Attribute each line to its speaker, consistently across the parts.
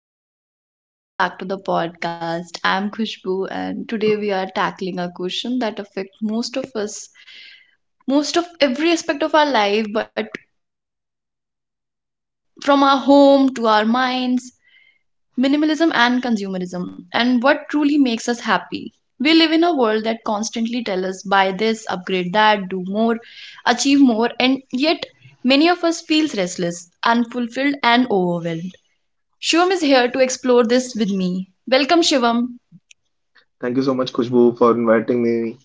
Speaker 1: Hello everyone, welcome back to the podcast. I'm Khushbu and today we are tackling a question that affects most of us, most of every aspect of our life, but from our home to our minds, minimalism and consumerism and what truly makes us happy. We live in a world that constantly tells us buy this, upgrade that, do more, achieve more, and yet many of us feels restless, unfulfilled and overwhelmed. Shivam is here to explore this with me. Welcome, Shivam.
Speaker 2: Thank you so much, Khushbu, for inviting me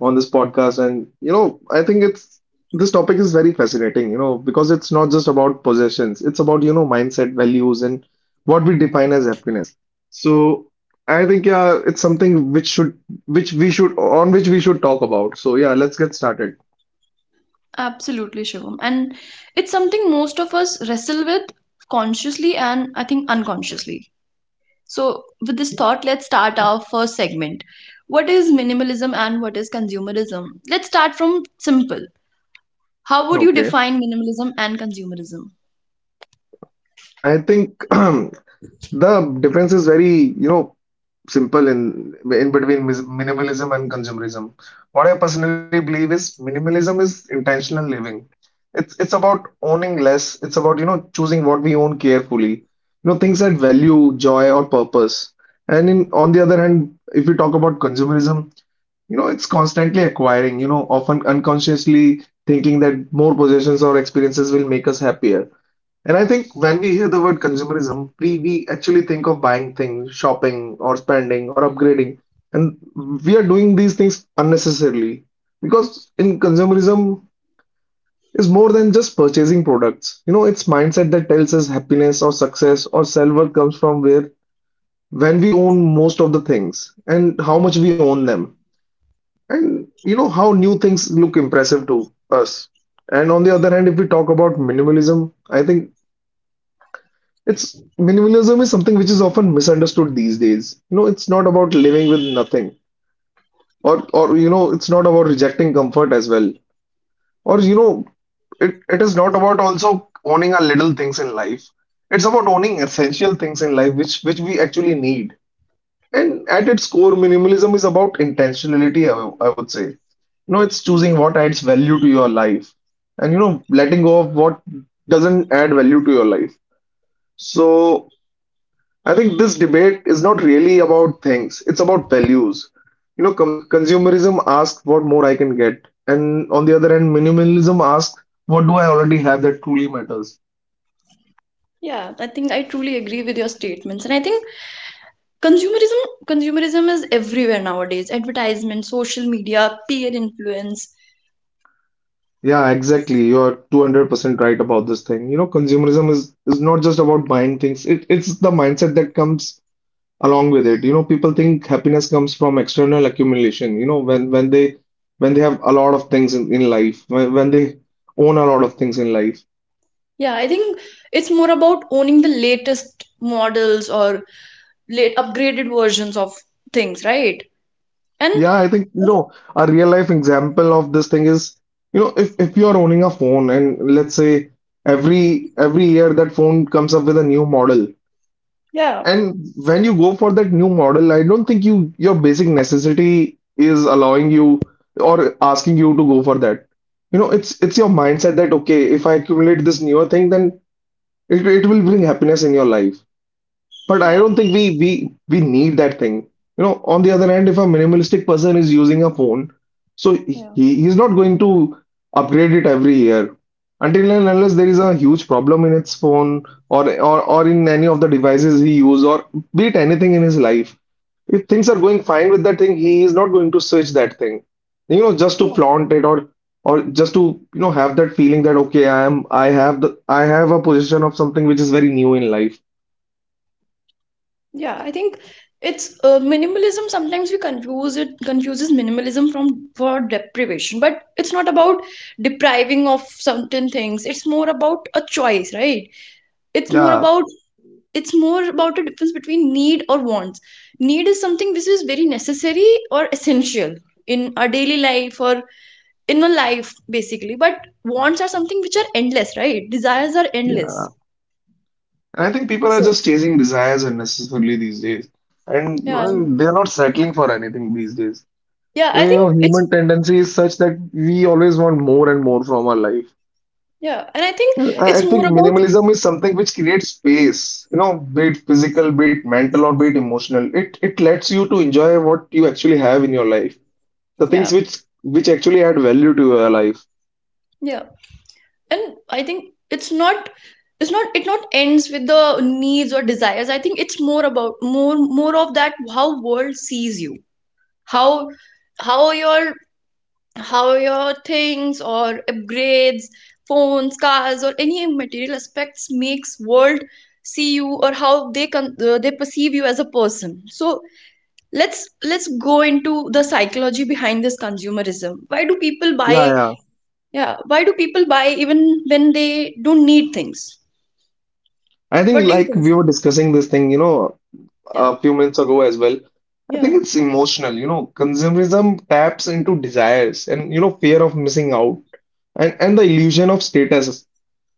Speaker 2: on this podcast. And you know, I think it's this topic is very fascinating, you know, because it's not just about possessions, it's about, you know, mindset, values, and what we define as happiness. So I think yeah, it's something which we should talk about. So yeah, let's get started.
Speaker 1: Absolutely, Shivam. And it's something most of us wrestle with consciously and I think unconsciously. So, with this thought, let's start our first segment. What is minimalism and what is consumerism? Let's start from simple. How would you
Speaker 2: Okay.
Speaker 1: define minimalism and consumerism?
Speaker 2: I think the difference is very, you know, simple in between minimalism and consumerism. What I personally believe is minimalism is intentional living. It's about owning less. It's about, you know, choosing what we own carefully. You know, things that value, joy, or purpose. And in on the other hand, if we talk about consumerism, you know, it's constantly acquiring, you know, often unconsciously thinking that more possessions or experiences will make us happier. And I think when we hear the word consumerism, we actually think of buying things, shopping, or spending, or upgrading. And we are doing these things unnecessarily because in consumerism is more than just purchasing products. You know, it's mindset that tells us happiness or success or self-worth comes from where when we own most of the things and how much we own them. And you know how new things look impressive to us. And on the other hand, if we talk about minimalism, I think It's minimalism is something which is often misunderstood these days. You know, it's not about living with nothing, or you know, it's not about rejecting comfort as well, or you know, it is not about also owning our little things in life. It's about owning essential things in life, which we actually need. And at its core, minimalism is about intentionality. I would say, you know, it's choosing what adds value to your life, and you know, letting go of what doesn't add value to your life. So I think this debate is not really about things, it's about values. You know, com consumerism asks what more I can get, and on the other hand, minimalism asks what do I already have that truly matters.
Speaker 1: Yeah, I think I truly agree with your statements. And I think consumerism is everywhere nowadays. Advertisement, social media, peer influence.
Speaker 2: Yeah, exactly. You're 200% right about this thing. You know, consumerism is not just about buying things. It's the mindset that comes along with it. You know, people think happiness comes from external accumulation. You know, when they have a lot of things in life, when they own a lot of things in life.
Speaker 1: Yeah, I think it's more about owning the latest models or late upgraded versions of things, right? And
Speaker 2: Yeah, I think,
Speaker 1: I
Speaker 2: you know, a real life example of this thing is, you know, if you're
Speaker 1: think-
Speaker 2: owning a phone and let's say every year that phone comes up with a new model,
Speaker 1: yeah,
Speaker 2: and when you go for that new model, I don't think your basic necessity is allowing you or asking you to go for that. You know, it's your mindset that okay, if I accumulate this newer thing, then it will bring happiness in your life. But I
Speaker 1: yeah,
Speaker 2: don't think we need that thing. You know, on the other hand, if a minimalistic person is using a phone, so he
Speaker 1: yeah,
Speaker 2: he's not going to upgrade it every year. Until and unless there is a huge problem in its phone or in any of the devices he use or be it anything in his life. If things are going fine with that thing, he is not going to switch that thing. You know, just to
Speaker 1: yeah,
Speaker 2: flaunt it or just to, you know, have that feeling that okay, I am I have the I have a position of something which is very new in life.
Speaker 1: yeah. I think it's minimalism. Sometimes we confuses minimalism from for deprivation, but it's not about depriving of certain things. It's more about a choice, right? It's more
Speaker 2: Yeah.
Speaker 1: about it's more about a difference between need or wants. Need is something which is very necessary or essential in our daily life, or in a life basically. But wants are something which are endless, right? Desires are
Speaker 2: Yeah.
Speaker 1: endless.
Speaker 2: And I think people are
Speaker 1: So
Speaker 2: just chasing desires unnecessarily these days. And
Speaker 1: yeah,
Speaker 2: well, they're not settling for anything these days.
Speaker 1: yeah,
Speaker 2: You
Speaker 1: I think
Speaker 2: know,
Speaker 1: it's
Speaker 2: human tendency is such that we always want more and more from our life.
Speaker 1: yeah and I think
Speaker 2: I
Speaker 1: it's
Speaker 2: I think
Speaker 1: more about
Speaker 2: minimalism is something which creates space, you know, be it physical, be it mental, or be it emotional. It lets you to enjoy what you actually have in your life, the things
Speaker 1: yeah
Speaker 2: which actually add value to your life.
Speaker 1: yeah and I think it's not, it not ends with the needs or desires. I think it's more about more of that, how world sees you, how, how your how your things or upgrades, phones, cars or any material aspects makes world see you, or how they they perceive you as a person. So let's go into the psychology behind this consumerism. Why do people
Speaker 2: Yeah,
Speaker 1: buy,
Speaker 2: yeah.
Speaker 1: yeah, why do people buy even when they don't need things?
Speaker 2: I think
Speaker 1: What do you
Speaker 2: like
Speaker 1: think,
Speaker 2: we were
Speaker 1: Sim?
Speaker 2: discussing this thing, you know,
Speaker 1: Yeah,
Speaker 2: a few minutes ago as well. I think
Speaker 1: yeah,
Speaker 2: it's emotional, you know, consumerism taps into desires and, you know, fear of missing out and the illusion of status.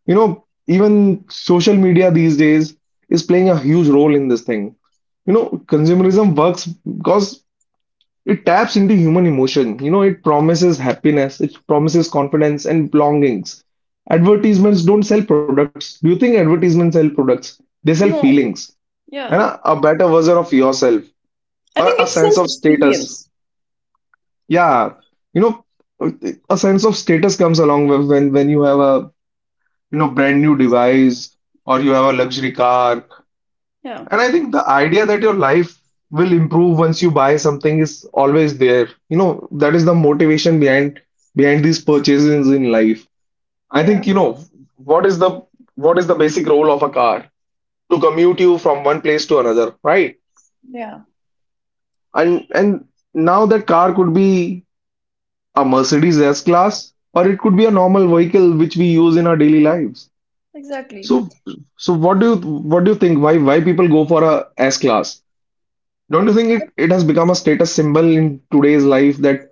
Speaker 2: You know, even social media these days is playing a huge role in this thing. You know, consumerism works because it taps into human emotion. You know, it promises happiness, it promises confidence and belongings. Advertisements don't sell products. Do you think advertisements sell products? They sell
Speaker 1: no, I think,
Speaker 2: feelings and
Speaker 1: yeah,
Speaker 2: a better version of yourself
Speaker 1: I
Speaker 2: or
Speaker 1: think
Speaker 2: a
Speaker 1: it's
Speaker 2: sense
Speaker 1: just
Speaker 2: of status.
Speaker 1: experience.
Speaker 2: Yeah, you know, a sense of status comes along with when you have a you know brand new device or you have a luxury car.
Speaker 1: Yeah,
Speaker 2: And I think the idea that your life will improve once you buy something is always there. You know, that is the motivation behind these purchases in life. I
Speaker 1: yeah,
Speaker 2: think you know what is the what is the basic role of a car to commute you from one place to another, right?
Speaker 1: yeah,
Speaker 2: And now that car could be a Mercedes S-Class, or it could be a normal vehicle which we use in our daily lives.
Speaker 1: exactly.
Speaker 2: So, so what do you think? Why people go for a S-Class? Don't you think it has become a status symbol in today's life that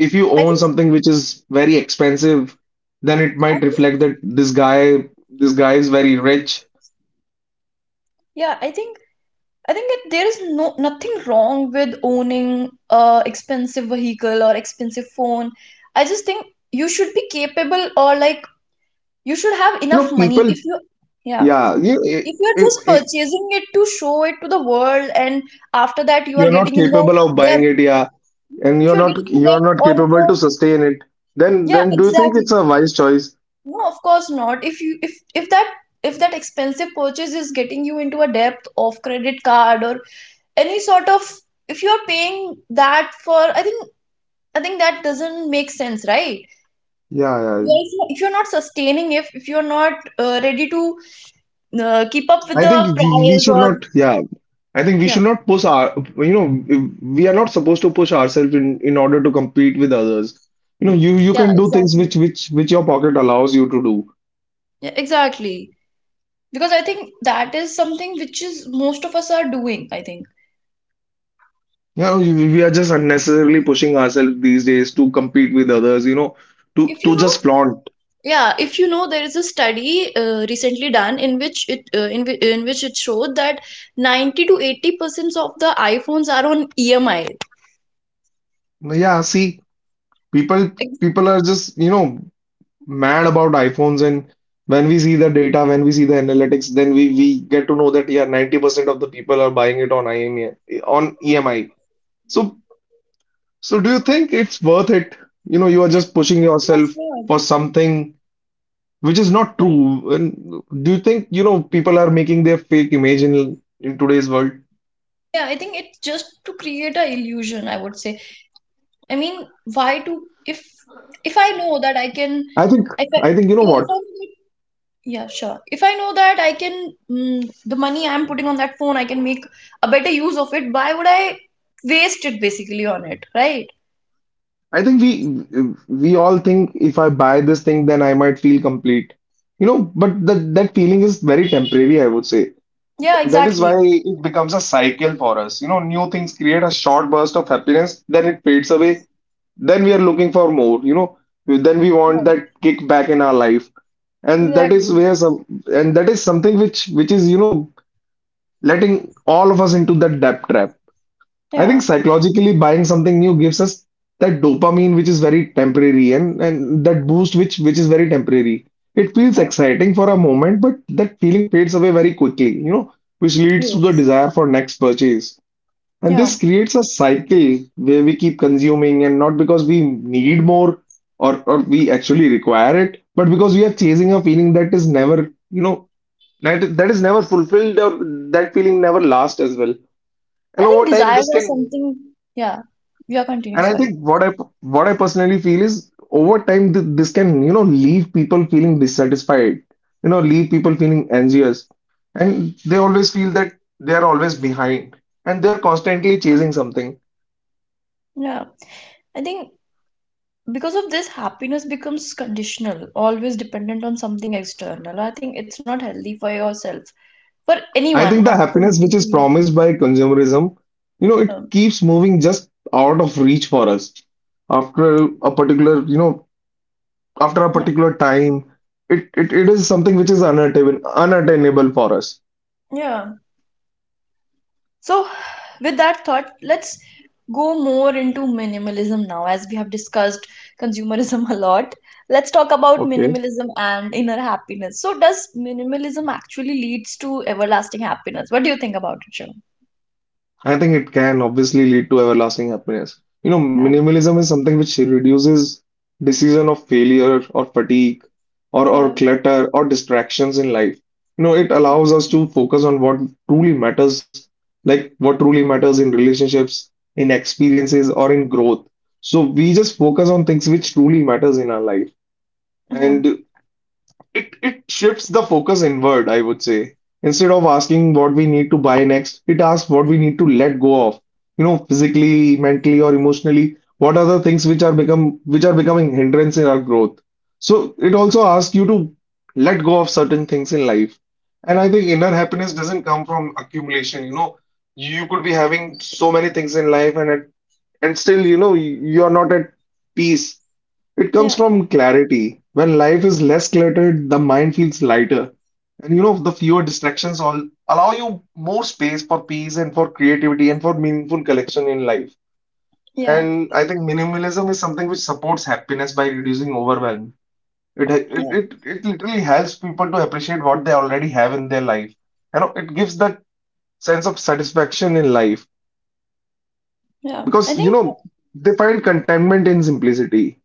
Speaker 2: if you
Speaker 1: i
Speaker 2: own
Speaker 1: think
Speaker 2: something which is very expensive, then it might
Speaker 1: i think
Speaker 2: reflect that this guy is very rich.
Speaker 1: yeah I think I think that there is no nothing wrong with owning a expensive vehicle or expensive phone. I just think you should be capable, or like you should have
Speaker 2: You
Speaker 1: enough
Speaker 2: know,
Speaker 1: money
Speaker 2: people,
Speaker 1: if you, yeah,
Speaker 2: yeah,
Speaker 1: if you're just
Speaker 2: you,
Speaker 1: purchasing it to show it to the world and after that you
Speaker 2: you're
Speaker 1: are
Speaker 2: not
Speaker 1: getting in the
Speaker 2: capable of buying
Speaker 1: debt.
Speaker 2: it, yeah, and
Speaker 1: If you're getting in the
Speaker 2: you're
Speaker 1: debt
Speaker 2: not
Speaker 1: or if
Speaker 2: capable
Speaker 1: you're,
Speaker 2: to sustain it then
Speaker 1: yeah,
Speaker 2: do you think it's
Speaker 1: exactly.
Speaker 2: a wise choice?
Speaker 1: No, of course not. If that, if that expensive purchase is getting you into a depth of credit card or any sort of, if you are paying that for, I think, that doesn't make sense, right?
Speaker 2: Yeah, yeah.
Speaker 1: You if you- if you're not sustaining, if you're not ready to keep up with
Speaker 2: I think
Speaker 1: the
Speaker 2: we we
Speaker 1: price
Speaker 2: should
Speaker 1: or,
Speaker 2: not. Yeah, I think we
Speaker 1: yeah,
Speaker 2: should not push our. You know, we are not supposed to push ourselves in order to compete with others. You know, you
Speaker 1: yeah,
Speaker 2: you can do things
Speaker 1: exactly.
Speaker 2: which your pocket allows you to do.
Speaker 1: Yeah, exactly. Because I think that is something which is most of us are doing, I think.
Speaker 2: You know, we are just unnecessarily pushing ourselves these days to compete with others. You know,
Speaker 1: If you
Speaker 2: to
Speaker 1: know,
Speaker 2: just flaunt.
Speaker 1: yeah, if you know, there is a study recently done in which in which it showed that 90 to 80% of the iPhones are on EMI.
Speaker 2: Yeah, see, people
Speaker 1: Ex-
Speaker 2: people are just you know mad about iPhones and when we see the data, when we see the analytics, then we get to know that yeah, 90% of the people are buying it on IME on EMI. So do you think it's worth it? You know, you are just pushing yourself for something which is not true. And do you think, you know, people are making their fake image in today's world?
Speaker 1: Yeah, I think it's just to create a illusion, I would say. I mean, why to, if if I know that I can,
Speaker 2: I think
Speaker 1: if I,
Speaker 2: I think you know
Speaker 1: yeah,
Speaker 2: what?
Speaker 1: if I know that- yeah, sure. If I know that I can, the money I'm putting on that phone, I can make a better use of it, why would I waste it basically on it, right?
Speaker 2: I think we all think if I buy this thing, then I might feel complete. You know, but that feeling is very temporary, I would say.
Speaker 1: Yeah,
Speaker 2: That is why
Speaker 1: exactly.
Speaker 2: it becomes a cycle for us. You know, new things create a short burst of happiness, then it fades away. Then we are looking for more, you know, then we want
Speaker 1: Yeah,
Speaker 2: that kick back in our life. And
Speaker 1: exactly.
Speaker 2: that is something which is, you know, letting all of us into that debt trap. I think
Speaker 1: Yeah,
Speaker 2: psychologically buying something new gives us that dopamine which is very temporary and, that boost which is very temporary. It feels
Speaker 1: yeah,
Speaker 2: exciting for a moment, but that feeling fades away very quickly, you know, which leads to
Speaker 1: you.
Speaker 2: the desire for next purchase. And this
Speaker 1: Yeah,
Speaker 2: creates a cycle where we keep consuming and not because we need more or we actually require it, but because we are chasing a feeling that is never, you know, that is never fulfilled or that feeling never lasts as well. And
Speaker 1: I think
Speaker 2: over time, this
Speaker 1: desires are
Speaker 2: can
Speaker 1: something. Yeah, yeah, continue.
Speaker 2: And I
Speaker 1: Sorry.
Speaker 2: think what I personally feel is over time th this can you know leave people feeling dissatisfied, you know leave people feeling anxious, and they always feel that they are always behind and they are constantly chasing something.
Speaker 1: Yeah, I think because of this, happiness becomes conditional, always dependent on something external. I think it's not healthy for yourself, for
Speaker 2: I
Speaker 1: anyone,
Speaker 2: think
Speaker 1: not
Speaker 2: the
Speaker 1: for
Speaker 2: happiness which is
Speaker 1: me.
Speaker 2: promised by consumerism, you know, it
Speaker 1: Um,
Speaker 2: keeps moving just out of reach for us. After a particular, you know, after a
Speaker 1: yeah,
Speaker 2: particular time, it is something which is unattainable for us.
Speaker 1: yeah. So, with that thought, let's go more into minimalism now. As we have discussed consumerism a lot, let's talk about
Speaker 2: Okay?
Speaker 1: minimalism and inner happiness. So, does minimalism actually leads to everlasting happiness? What do you think about it, Shiv?
Speaker 2: I think it can obviously lead to everlasting happiness. You know,
Speaker 1: Yeah,
Speaker 2: minimalism is something which reduces decision of failure or fatigue or,
Speaker 1: yeah,
Speaker 2: clutter or distractions in life. You know, it allows us to focus on what truly matters, like what truly matters in relationships, in experiences, or in growth. So we just focus on things which truly matters in our life.
Speaker 1: yeah,
Speaker 2: And it shifts the focus inward, I would say. Instead of asking what we need to buy next, it asks what we need to let go of. You know, physically, mentally, or emotionally, what are the things which are become which are becoming hindrance in our growth. So it also asks you to let go of certain things in life. And I think inner happiness doesn't come from accumulation. You know, you could be having so many things in life and at, and still, you know, you are not at peace, it comes
Speaker 1: yeah,
Speaker 2: from clarity. When life is less cluttered, the mind feels lighter. And you know, the fewer distractions all allow you more space for peace and for creativity and for meaningful collection in life.
Speaker 1: yeah,
Speaker 2: And I think minimalism is something which supports happiness by reducing overwhelm. It, it,
Speaker 1: yeah,
Speaker 2: it, it literally helps people to appreciate what they already have in their life. You know, it gives that sense of satisfaction in life
Speaker 1: yeah.
Speaker 2: because,
Speaker 1: I
Speaker 2: you
Speaker 1: think,
Speaker 2: know, they find contentment in simplicity.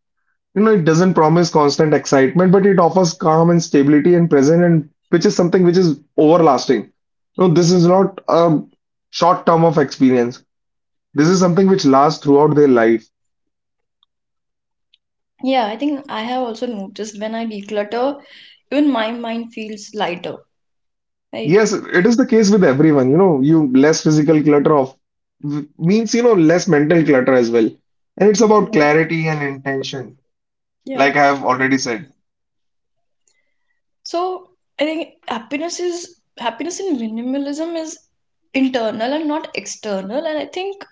Speaker 2: You know, it doesn't promise constant excitement, but it offers calm and stability and present, and which is something which is overlasting. No, this is not a short term of experience. This is something which lasts throughout their life.
Speaker 1: yeah, I think I have also noticed when I declutter, even my mind feels lighter, right?
Speaker 2: Yes, it is the case with everyone. You know, you less physical clutter of means you know less mental clutter as well, and it's about
Speaker 1: Yeah,
Speaker 2: clarity and intention.
Speaker 1: yeah.
Speaker 2: Like I have already said,
Speaker 1: So I think happiness in minimalism is internal and not external, and I think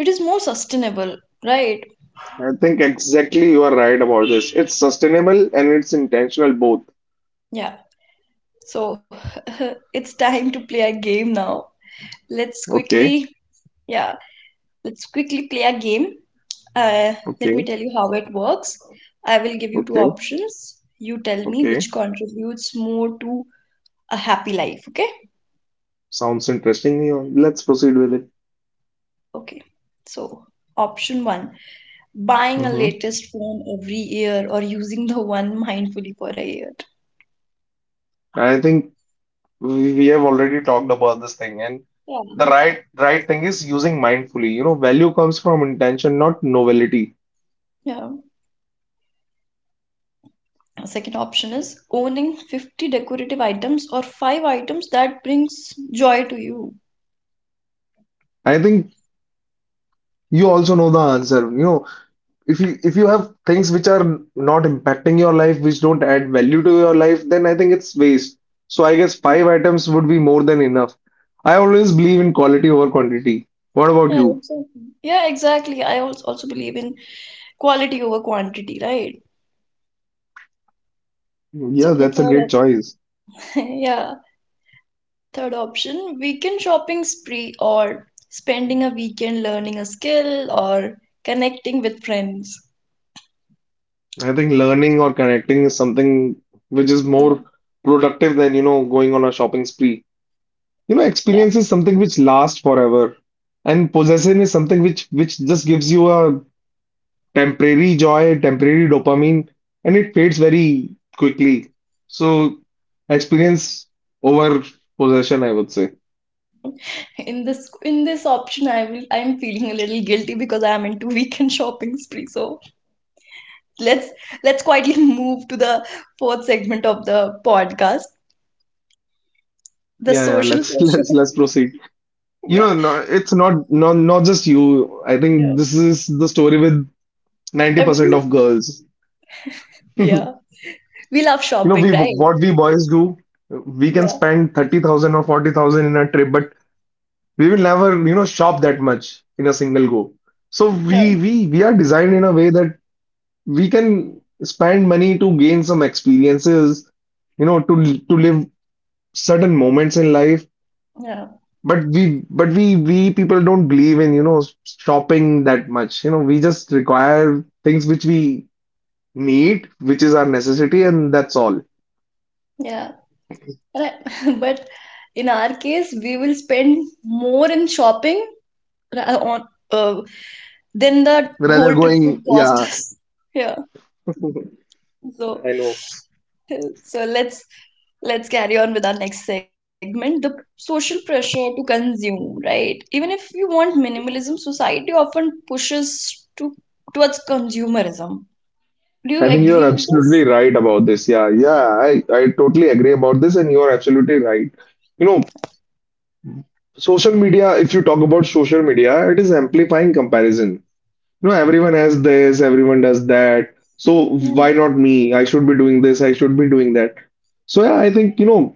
Speaker 1: it is more sustainable, right?
Speaker 2: I think exactly you are right about this. It's sustainable and it's intentional both.
Speaker 1: Yeah. So it's time to play a game now. Let's
Speaker 2: Okay,
Speaker 1: quickly, yeah, let's quickly play a game. Uh, let me
Speaker 2: okay,
Speaker 1: tell you how it works. I will give you two
Speaker 2: okay,
Speaker 1: options. You tell me
Speaker 2: okay.
Speaker 1: which contributes more to a happy life, okay?
Speaker 2: Sounds interesting. Yeah, let's proceed with it.
Speaker 1: Okay, so option one, buying a
Speaker 2: hmm
Speaker 1: latest phone every year or using the one mindfully for a year.
Speaker 2: I think we have already talked about this thing, and
Speaker 1: Yeah.
Speaker 2: the right thing is using mindfully. You know, value comes from intention, not novelty.
Speaker 1: Yeah. Second option is owning 50 decorative items or five items that brings joy to you.
Speaker 2: I think you also know the answer. You know, if you have things which are not impacting your life, which don't add value to your life, then I think it's waste. So I guess five items would be more than enough. I always believe in quality over quantity. What about
Speaker 1: Yeah,
Speaker 2: you?
Speaker 1: exactly. Yeah, exactly. I also believe in quality over quantity, right? So
Speaker 2: Yeah,
Speaker 1: the
Speaker 2: that's a
Speaker 1: third
Speaker 2: great
Speaker 1: op,
Speaker 2: choice.
Speaker 1: yeah, third option, weekend shopping spree or spending a weekend learning a skill or connecting with friends.
Speaker 2: I think learning or connecting is something which is
Speaker 1: Yeah.
Speaker 2: more productive than, you know, going on a shopping spree. You know,
Speaker 1: Yeah.
Speaker 2: experience is something which lasts forever, and possession is something which just gives you a temporary joy, temporary dopamine, and it fades very quickly. So, experience over possession, I would say.
Speaker 1: In this, option, I will, I'm feeling a little guilty because I'm into weekend shopping spree. So let's let's quietly move to the fourth segment of the podcast, the
Speaker 2: Yeah, yeah,
Speaker 1: social
Speaker 2: let's let's
Speaker 1: pressure.
Speaker 2: let's proceed. You
Speaker 1: Yeah.
Speaker 2: know, no, it's not just you. I
Speaker 1: Yeah.
Speaker 2: think this is the story with 90%
Speaker 1: Every,
Speaker 2: of girls.
Speaker 1: yeah. We love
Speaker 2: You know,
Speaker 1: shopping,
Speaker 2: we
Speaker 1: right?
Speaker 2: what we boys do, we can
Speaker 1: Yeah.
Speaker 2: spend 30,000 or 40,000 in a trip, but we will never, you know, shop that much in a single go. So
Speaker 1: Yeah.
Speaker 2: we are designed in a way that we can spend money to gain some experiences, you know, to live certain moments in life.
Speaker 1: Yeah.
Speaker 2: But we people don't believe in, you know, shopping that much. You know, we just require things which we need, which is our necessity, and that's all.
Speaker 1: Yeah. And I- but in our case, we will spend more in shopping, ra- on uh, than the
Speaker 2: Rather
Speaker 1: whole trip
Speaker 2: going,
Speaker 1: would cost
Speaker 2: yeah.
Speaker 1: us. Yeah. So, so let's, carry on with our next segment, the social pressure to consume, right? Even if you want minimalism, society often pushes to towards consumerism. Do you
Speaker 2: I think
Speaker 1: agree
Speaker 2: you're
Speaker 1: with this?
Speaker 2: absolutely right about this. Yeah, yeah, I totally agree about this, and you're absolutely right. You know, social media, if you talk about social media, it is amplifying comparison. You know, everyone has this, everyone does that. So
Speaker 1: Yeah,
Speaker 2: why not me? I should be doing this, I should be doing that. So yeah, I think, you know,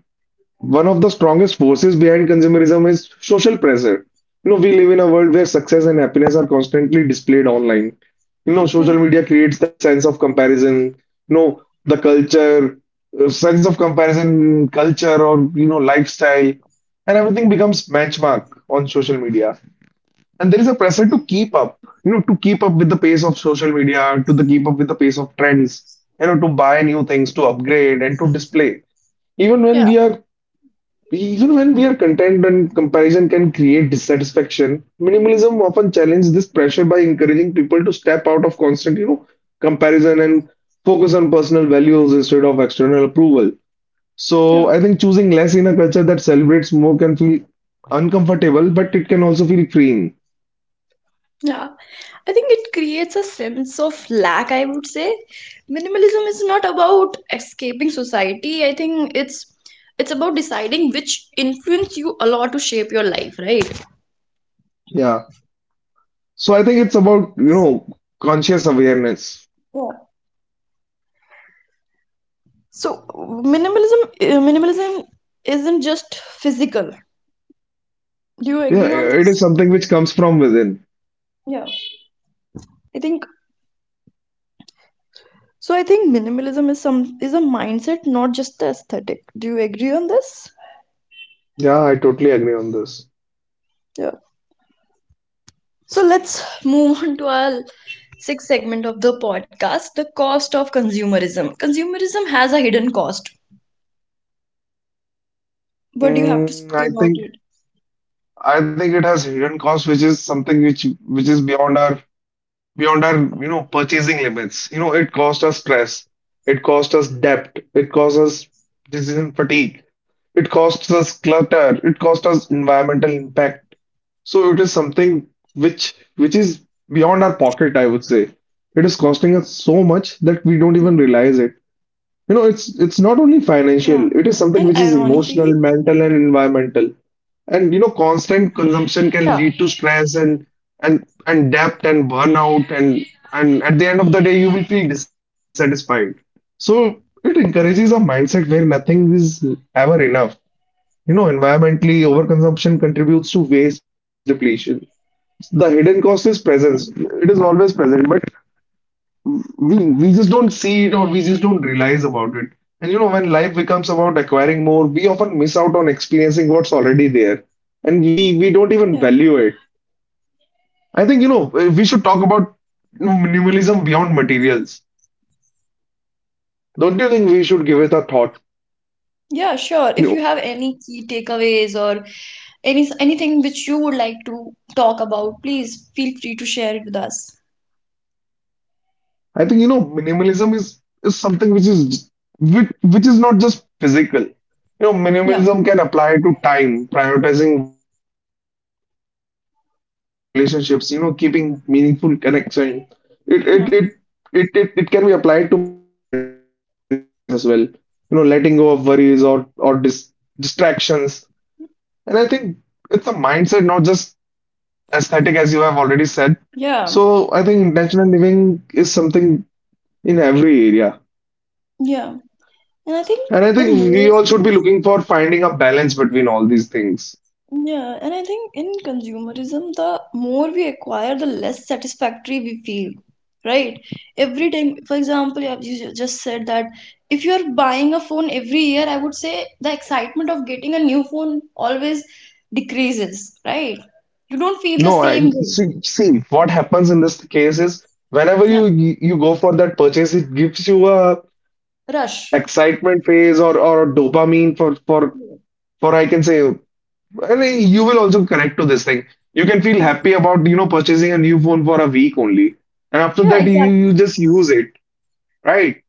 Speaker 2: one of the strongest forces behind consumerism is social pressure. You know, we live in a world where success and happiness are constantly displayed online. You know,
Speaker 1: yeah,
Speaker 2: social media creates that sense of comparison. You know, the culture, sense of comparison, culture, or you know, lifestyle, and everything becomes benchmark on social media. And there is a pressure to keep up. You know, to keep up with the pace of social media, to the keep up with the pace of trends. You know, to buy new things, to upgrade, and to display even when
Speaker 1: yeah,
Speaker 2: we are even when we are content and comparison can create dissatisfaction, minimalism often challenges this pressure by encouraging people to step out of constant, you know, comparison and focus on personal values instead of external approval.
Speaker 1: yeah,
Speaker 2: So I think choosing less in a culture that celebrates more can feel uncomfortable, but it can also feel freeing.
Speaker 1: yeah. I think it creates a sense of lack, I would say. Minimalism is not about escaping society. I think it's about deciding which influence you allow to shape your life, right?
Speaker 2: Yeah. So I think it's about, you know, conscious awareness.
Speaker 1: Yeah. So minimalism, minimalism isn't just physical. Do you
Speaker 2: Yeah,
Speaker 1: agree on
Speaker 2: it is
Speaker 1: this?
Speaker 2: something which comes from within.
Speaker 1: Yeah. I think so, I think minimalism is a mindset, not just the aesthetic. Do you agree on this?
Speaker 2: Yeah, I totally agree on this.
Speaker 1: Yeah. So let's move on to our sixth segment of the podcast, the cost of consumerism. Consumerism has a hidden cost. What do you have to say
Speaker 2: Mm, I
Speaker 1: about it?
Speaker 2: think I think it has hidden costs, which is something which is beyond our you know purchasing limits. You know, it cost us stress, it cost us debt, it cost us decision fatigue, it costs us clutter, it cost us environmental impact. So it is something which is beyond our pocket, I would say. It is costing
Speaker 1: Yeah.
Speaker 2: us so much that we don't even realize it. You know,
Speaker 1: Yeah.
Speaker 2: it's not
Speaker 1: And
Speaker 2: only
Speaker 1: ironically,
Speaker 2: financial, it is something which is emotional, mental, and environmental. And you know,
Speaker 1: yeah.
Speaker 2: constant consumption can lead to stress and and debt and burnout and at the end of the day you will feel dissatisfied. So it encourages a mindset where nothing is ever enough. You know, environmentally, overconsumption contributes to waste and resource depletion. The hidden cost is presence. It is always present, but we just don't see it or we just don't realize about it and you know when life becomes about acquiring more we often miss out on experiencing what's already there and we
Speaker 1: Yeah.
Speaker 2: don't even value it. I think you know we should talk about minimalism beyond materials. Don't you think we should give it a
Speaker 1: Yeah, sure. If you
Speaker 2: thought?
Speaker 1: have any key takeaways or anything which you would like to talk about, please feel free to share it with us.
Speaker 2: I think you know minimalism is something which is not just physical. You know,
Speaker 1: Yeah,
Speaker 2: minimalism can apply to time, prioritizing what matters. It can apply to relationships, you know, keeping meaningful connection. It
Speaker 1: yeah,
Speaker 2: it it it can be applied to mental space as well. You know, letting go of worries or distractions. And I think it's a mindset, not just aesthetic, as you have already said.
Speaker 1: yeah,
Speaker 2: So I think intentional living is something in every area.
Speaker 1: yeah. And I think
Speaker 2: And I
Speaker 1: the
Speaker 2: think
Speaker 1: more,
Speaker 2: we all should be looking for finding a balance between all these things.
Speaker 1: yeah, and I think in consumerism, the more we acquire, the less satisfactory we feel, right? Every time, for example, you have- you ju- just said that if you're buying a phone every year, I would say the excitement of getting a new phone always decreases, right? You don't feel the
Speaker 2: No, I
Speaker 1: same way.
Speaker 2: see, see what happens in this case is whenever
Speaker 1: Yeah,
Speaker 2: you you go for that purchase, it gives you a
Speaker 1: rush.
Speaker 2: excitement phase or dopamine for for
Speaker 1: Yeah,
Speaker 2: for I can say, I mean, you will also connect to this thing. You can feel
Speaker 1: yeah,
Speaker 2: happy about you know purchasing a new phone for a week only, and after
Speaker 1: yeah,
Speaker 2: that you
Speaker 1: exactly.
Speaker 2: just use it, right?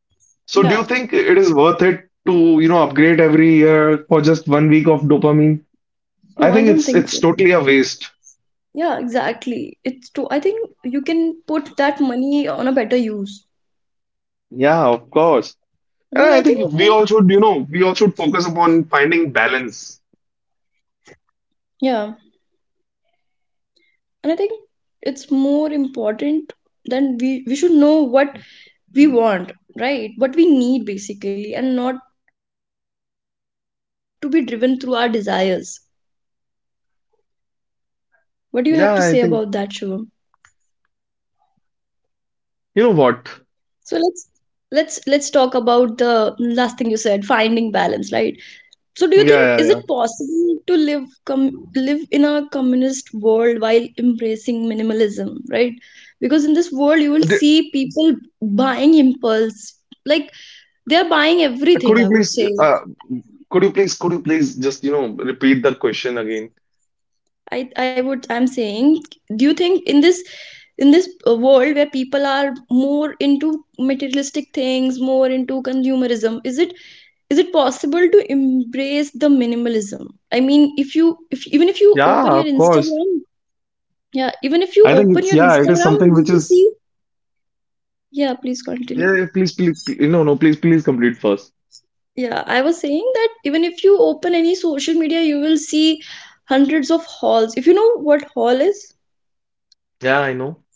Speaker 2: So do you
Speaker 1: Yeah.
Speaker 2: think it is worth it to you know upgrade every year for just 1 week of dopamine?
Speaker 1: No,
Speaker 2: I
Speaker 1: I
Speaker 2: think
Speaker 1: don't think
Speaker 2: it's
Speaker 1: so.
Speaker 2: totally a waste.
Speaker 1: Yeah, exactly. It's too, I think you can put that money on a better use
Speaker 2: Yeah, of course. And
Speaker 1: because
Speaker 2: I
Speaker 1: I
Speaker 2: think we
Speaker 1: think,
Speaker 2: all should, you know, we all should focus upon finding balance.
Speaker 1: yeah. And I think it's more important than we should know what we want, right, what we need basically and not to be driven through our desires. What do you have to say about that,
Speaker 2: Yeah,
Speaker 1: Shivam?
Speaker 2: I think you know what?
Speaker 1: So let's, let's talk about the last thing you said, finding balance, right? So do you think is it
Speaker 2: Yeah, yeah,
Speaker 1: possible to live in a communist world while embracing minimalism, right? Because in this world you
Speaker 2: yeah.
Speaker 1: will see people buying impulse, like they are buying
Speaker 2: Could
Speaker 1: everything,
Speaker 2: you
Speaker 1: I would
Speaker 2: please,
Speaker 1: say.
Speaker 2: could you please, could you please just, you know, repeat that question again?
Speaker 1: I would, I'm saying, do you think in this, in this world where people are more into materialistic things, more into consumerism, is it, is it possible to embrace the minimalism? I mean, if you if even if you open
Speaker 2: Yeah,
Speaker 1: your
Speaker 2: of course.
Speaker 1: Instagram, yeah, even if you
Speaker 2: I think
Speaker 1: open
Speaker 2: it's
Speaker 1: your
Speaker 2: yeah, it is
Speaker 1: Instagram,
Speaker 2: something
Speaker 1: you
Speaker 2: which
Speaker 1: will
Speaker 2: is
Speaker 1: see. Yeah, please continue.
Speaker 2: yeah. Yeah, please, please, please, no, no, please, please complete first.
Speaker 1: Yeah, I was saying that even if you open any social media, you will see hundreds of hauls. If you know what haul is,
Speaker 2: Yeah, I know.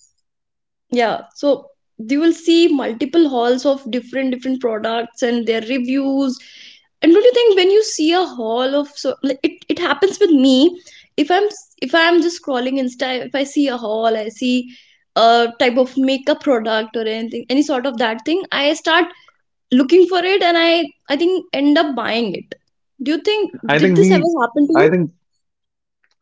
Speaker 1: yeah, so you will see multiple halls of different different products and their reviews. And don't you think when you see a haul of so, like, it happens with me. If I'm just scrolling insta, if I see a haul, I see a type of makeup product or anything, any sort of that thing, I start looking for it and I think end up buying it. Do you think
Speaker 2: I
Speaker 1: did
Speaker 2: think
Speaker 1: this
Speaker 2: we,
Speaker 1: ever happen to
Speaker 2: I
Speaker 1: you?
Speaker 2: think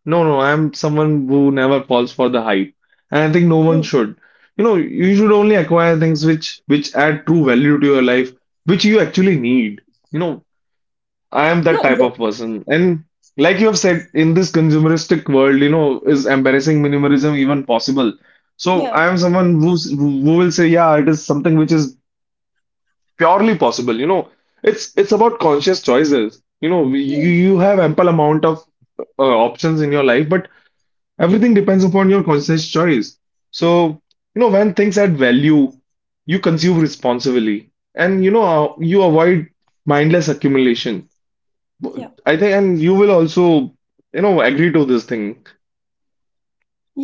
Speaker 2: no, no, I'm someone who never falls for the hype, and I think no one
Speaker 1: Mm.
Speaker 2: should. You know, you should only acquire things which add true value to your life, which you actually need. You know, I am that
Speaker 1: No,
Speaker 2: type
Speaker 1: yes.
Speaker 2: of person, and like you have said, in this consumeristic world, you know, is embarrassing minimalism even possible? So
Speaker 1: Yeah,
Speaker 2: I am someone who's, who will say, yeah, it is something which is purely possible. You know, it's about conscious choices. You know, you have ample amount of options in your life, but everything depends upon your conscious choice. So, you know, when things add value, you consume responsibly and, you know, you avoid mindless accumulation.
Speaker 1: yeah.
Speaker 2: I think, and you will also, you know, agree to this thing.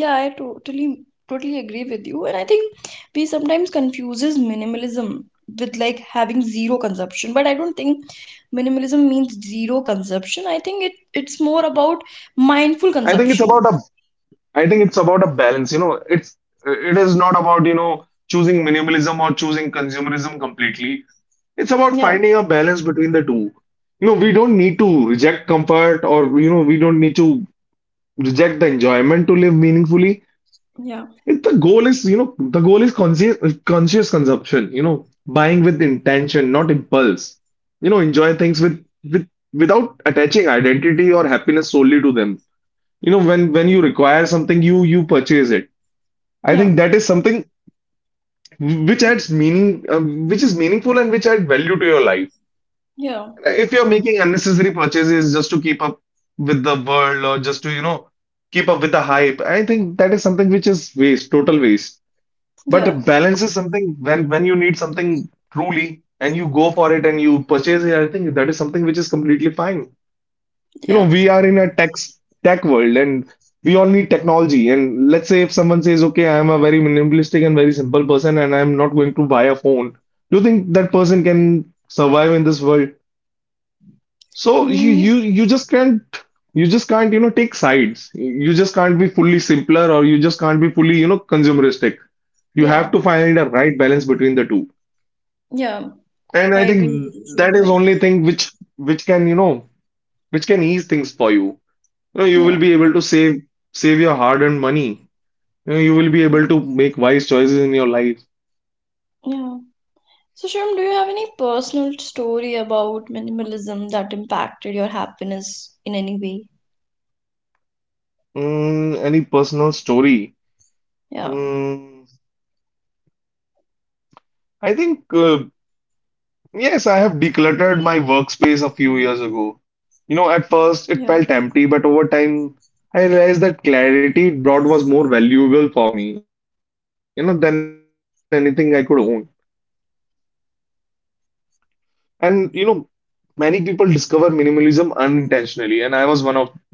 Speaker 1: Yeah, I totally agree with you. And I think we sometimes confuses minimalism with like having zero consumption. But I don't think minimalism means zero consumption. I think it's more about mindful
Speaker 2: I think it's about
Speaker 1: consumption.
Speaker 2: a, I think it's about a balance, you know, it's, it is not about, you know, choosing minimalism or choosing consumerism completely. It's about
Speaker 1: Yeah,
Speaker 2: finding a balance between the two. You know, we don't need to reject comfort or, you know, we don't need to reject the enjoyment to live meaningfully.
Speaker 1: yeah,
Speaker 2: If the goal is, you know, the goal is conscious, conscious consumption, you know, buying with intention, not impulse. You know, enjoy things with without attaching identity or happiness solely to them. You know, when you require something, you purchase it. I
Speaker 1: yeah,
Speaker 2: think that is something which adds meaning, which is meaningful and which adds value to your life.
Speaker 1: yeah,
Speaker 2: If you're making unnecessary purchases just to keep up with the world or just to, you know, keep up with the hype, I think that is something which is waste, total waste.
Speaker 1: yeah,
Speaker 2: But balance is something when you need something truly and you go for it and you purchase it, I think that is something which is completely fine. You know,
Speaker 1: yeah.
Speaker 2: we are in a tech world and we all need technology. And let's say if someone says, okay, I am a very minimalistic and very simple person and I'm not going to buy a phone, do you think that person can survive in this world? So you
Speaker 1: Mm,
Speaker 2: you you just can't take sides. You just can't be fully simpler or you just can't be fully consumeristic. You
Speaker 1: yeah,
Speaker 2: have to find a right balance between the two.
Speaker 1: yeah.
Speaker 2: And
Speaker 1: I
Speaker 2: I
Speaker 1: agree with
Speaker 2: think
Speaker 1: you, Shum,
Speaker 2: that is
Speaker 1: right?
Speaker 2: only thing which can ease things for you. You know you
Speaker 1: Yeah,
Speaker 2: will be able to save your hard-earned money. You know you will be able to make wise choices in your life.
Speaker 1: yeah. So, Shum, do you have any personal story about minimalism that impacted your happiness in any way?
Speaker 2: Mm, any personal story?
Speaker 1: Yeah.
Speaker 2: Mm, I think. Yes, I have decluttered my workspace a few years ago. You know, at
Speaker 1: Yeah,
Speaker 2: first it felt empty, but over time I realized that clarity it brought was more valuable for me, you know, than anything I could own. And, you know, many people discover minimalism unintentionally, and I was one of them, you know, after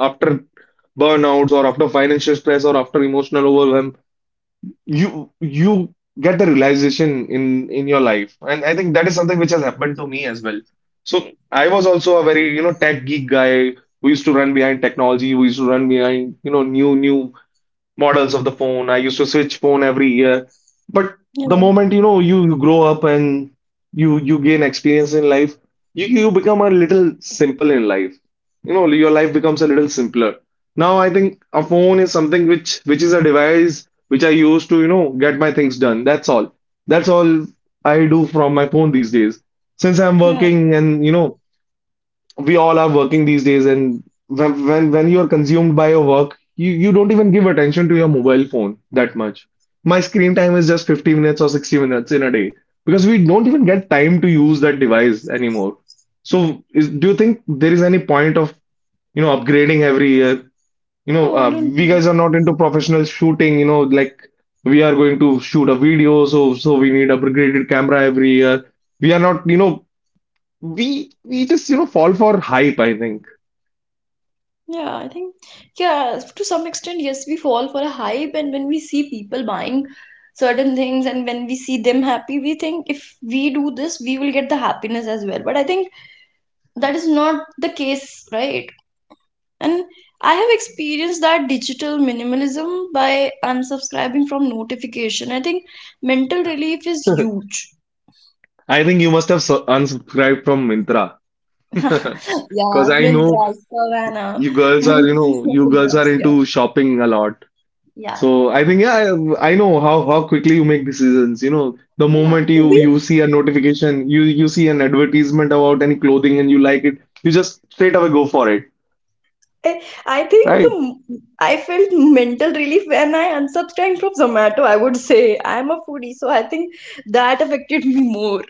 Speaker 2: burnouts or after financial stress or after emotional overwhelm. You get the realization in your life, and I think that is something which has happened to me as well. So I was also a very tech geek guy who used to run behind technology, who used to run behind new models of the phone. I used to switch phone every year. But the
Speaker 1: yeah,
Speaker 2: moment you grow up and you gain experience in life, you become a little simple in life. You know, your life becomes a little simpler. Now I think a phone is something which is a device which I use to, you know, get my things done. That's all I do from my phone these days. Since I'm
Speaker 1: yeah.
Speaker 2: working and we all are working these days, and when you are consumed by your work, you don't even give attention to your mobile phone that much. My screen time is just 50 minutes or 60 minutes in a day because we don't even get time to use that device anymore. So do you think there is any point of upgrading every year?
Speaker 1: Oh, I don't.
Speaker 2: We guys are not into professional shooting, like we are going to shoot a video, so we need upgraded camera every year. We are not, you know, we just fall for hype, I think.
Speaker 1: Yeah, I think, yeah, to some extent, yes, we fall for a hype, and when we see people buying certain things and when we see them happy, we think if we do this, we will get the happiness as well. But I think that is not the case, right? And I have experienced that digital minimalism by unsubscribing from notification. I think mental relief is huge.
Speaker 2: I think you must have unsubscribed from Mintra.
Speaker 1: Yeah,
Speaker 2: Because I know
Speaker 1: Myntra, Savannah,
Speaker 2: you girls are, you
Speaker 1: multiple
Speaker 2: know, you
Speaker 1: shopping
Speaker 2: girls are
Speaker 1: apps, yeah.
Speaker 2: into shopping a lot.
Speaker 1: Yeah,
Speaker 2: So I think, yeah, I know how quickly you make decisions. You know, the
Speaker 1: yeah.
Speaker 2: moment
Speaker 1: To
Speaker 2: you
Speaker 1: be,
Speaker 2: you see a notification, you see an advertisement about any clothing and you like it, you just straight away go for it,
Speaker 1: eh, I think
Speaker 2: right?
Speaker 1: I felt mental relief when I unsubscribed from Zomato. I would say I'm a foodie, so I think that affected me more.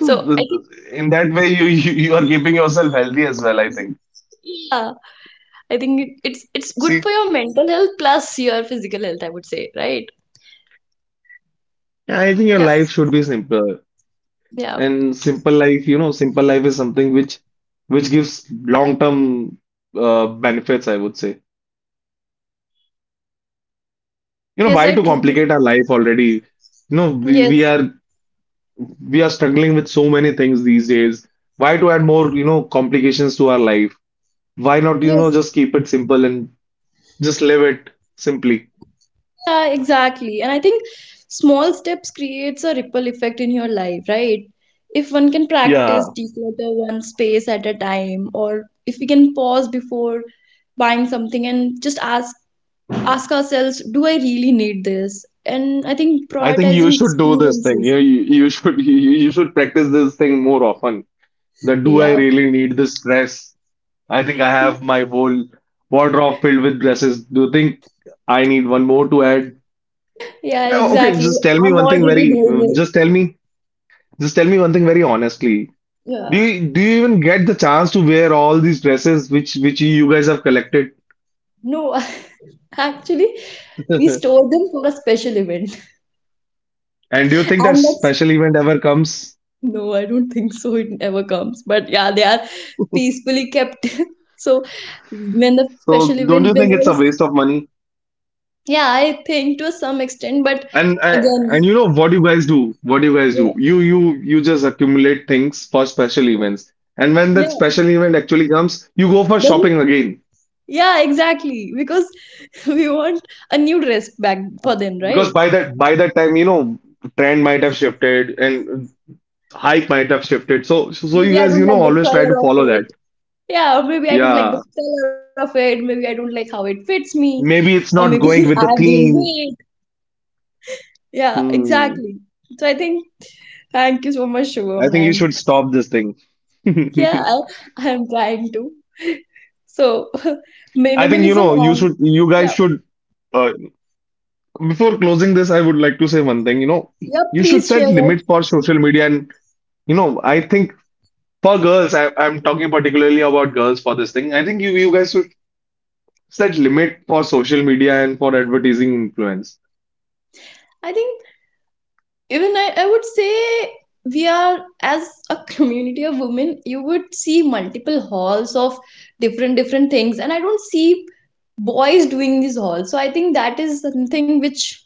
Speaker 1: So I think,
Speaker 2: In that way, you are keeping yourself healthy as well, I think.
Speaker 1: yeah, I think it's good
Speaker 2: See,
Speaker 1: for your mental health plus your physical health. I would say, right?
Speaker 2: I think your
Speaker 1: Yeah,
Speaker 2: life should be simpler.
Speaker 1: yeah.
Speaker 2: And simple life, is something which gives long-term benefits, I would say. You know,
Speaker 1: Yes,
Speaker 2: why
Speaker 1: I
Speaker 2: to
Speaker 1: truly.
Speaker 2: complicate our life already? You know,
Speaker 1: Yes,
Speaker 2: we are struggling with so many things these days. Why to add more, complications to our life? Why not,
Speaker 1: yes.
Speaker 2: just keep it simple and just live it simply?
Speaker 1: Yeah, exactly. And I think small steps creates a ripple effect in your life, right? If one can practice
Speaker 2: Yeah,
Speaker 1: declutter one space at a time, or if we can pause before buying something and just ask ourselves, do I really need this? And I think
Speaker 2: I think you
Speaker 1: prioritizing
Speaker 2: should do this thing.
Speaker 1: experiences.
Speaker 2: You should you should practice this thing more often. That do I
Speaker 1: Yeah.
Speaker 2: really need this stress? I think I have my whole wardrobe filled with dresses. Do you think I need one more to add?
Speaker 1: Yeah,
Speaker 2: Okay,
Speaker 1: exactly. I'm already doing it.
Speaker 2: just tell me, just tell me one thing very honestly. Do
Speaker 1: Yeah.
Speaker 2: you, do you even get the chance to wear all these dresses which you guys have collected?
Speaker 1: No, actually, we store them for a special event.
Speaker 2: And do you think that
Speaker 1: And that's,
Speaker 2: special event ever comes?
Speaker 1: no, I don't think so it ever comes. But yeah, they are peacefully kept. So when the
Speaker 2: So
Speaker 1: special
Speaker 2: don't
Speaker 1: event,
Speaker 2: you think
Speaker 1: whenever
Speaker 2: it's a
Speaker 1: it's,
Speaker 2: waste of money?
Speaker 1: yeah, I think to some extent, but
Speaker 2: And
Speaker 1: again,
Speaker 2: you know what you guys do? What you guys
Speaker 1: yeah,
Speaker 2: do? You just accumulate things for special events. And when that
Speaker 1: yeah,
Speaker 2: special event actually comes, you go for
Speaker 1: then
Speaker 2: shopping again.
Speaker 1: yeah, exactly. Because we want a new dress back for them,
Speaker 2: Because
Speaker 1: right?
Speaker 2: by that time, trend might have shifted and hype might have shifted, so you
Speaker 1: Maybe I
Speaker 2: guys,
Speaker 1: don't like the
Speaker 2: always try to
Speaker 1: color of
Speaker 2: follow that.
Speaker 1: it. Yeah, or maybe I don't like
Speaker 2: Yeah,
Speaker 1: the color of it. Maybe I don't like how it fits me, or
Speaker 2: maybe it's
Speaker 1: maybe
Speaker 2: not
Speaker 1: I
Speaker 2: going with
Speaker 1: have
Speaker 2: the
Speaker 1: gained
Speaker 2: theme.
Speaker 1: weight. Yeah,
Speaker 2: Hmm.
Speaker 1: exactly. So I think thank you so much,
Speaker 2: I
Speaker 1: Shubham.
Speaker 2: think you
Speaker 1: And
Speaker 2: should stop this thing.
Speaker 1: yeah, I am trying to. So,
Speaker 2: I think,
Speaker 1: minimalism and
Speaker 2: you guys
Speaker 1: yeah,
Speaker 2: should, uh, before closing this, I would like to say one thing.
Speaker 1: yeah,
Speaker 2: You should
Speaker 1: please share
Speaker 2: set limits
Speaker 1: it.
Speaker 2: for social media, and I think for girls, I'm talking particularly about girls for this thing. I think you guys should. It's that limit for social media and for advertising influence.
Speaker 1: I think even I would say we are, as a community of women, you would see multiple halls of different, different things. And I don't see boys doing these halls. So, I think that is something which,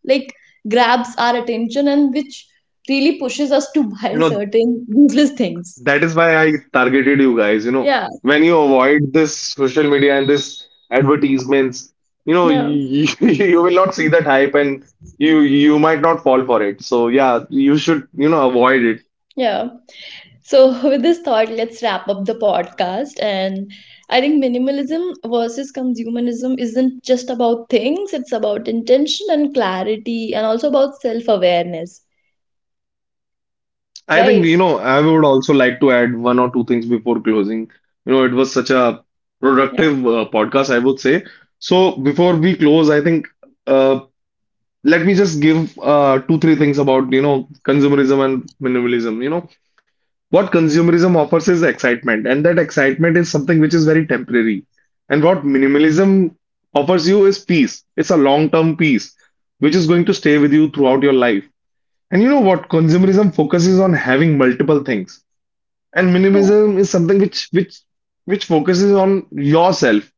Speaker 1: like, grabs our attention and which really pushes us to
Speaker 2: You
Speaker 1: buy
Speaker 2: know,
Speaker 1: certain useless things.
Speaker 2: that is why I targeted you guys. You know,
Speaker 1: Yeah,
Speaker 2: when you avoid this social media and this advertisements,
Speaker 1: no,
Speaker 2: you, you will not see that hype, and you might not fall for it. So yeah, you should, avoid it.
Speaker 1: yeah. So, with this thought, let's wrap up the podcast. And I think minimalism versus consumerism isn't just about things, it's about intention and clarity, and also about self awareness,
Speaker 2: I think,
Speaker 1: right?
Speaker 2: I would also like to add one or two things before closing. You know, it was such a
Speaker 1: Yeah.
Speaker 2: productive podcast, I would say. So before we close, I think uh, let me just give two, three things about, consumerism and minimalism. You know, what consumerism offers is excitement, and that excitement is something which is very temporary. And what minimalism offers you is peace. It's a long-term peace, which is going to stay with you throughout your life. And you know what? Consumerism focuses on having multiple things, and
Speaker 1: Yeah.
Speaker 2: minimalism is something which focuses on yourself,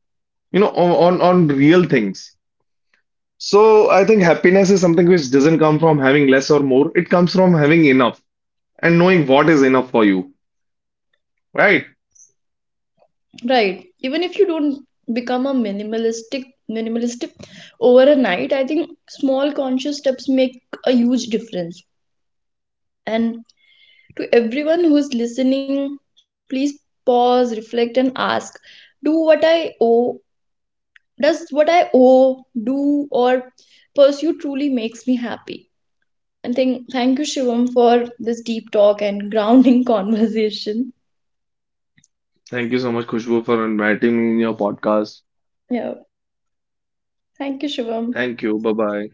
Speaker 2: on real things. So I think happiness is something which doesn't come from having less or more, it comes from having enough and knowing what is enough for you, right?
Speaker 1: Right. Even if you don't become a minimalistic over a night, I think small conscious steps make a huge difference. And to everyone who's listening, please pause, reflect, and ask, do what I owe does what I owe, do, or pursue truly makes me happy. And thank you, Shivam, for this deep talk and grounding conversation.
Speaker 2: Thank you so much, Khushbu, for inviting me in your podcast.
Speaker 1: Yeah, thank you, Shivam.
Speaker 2: Thank you. Bye bye.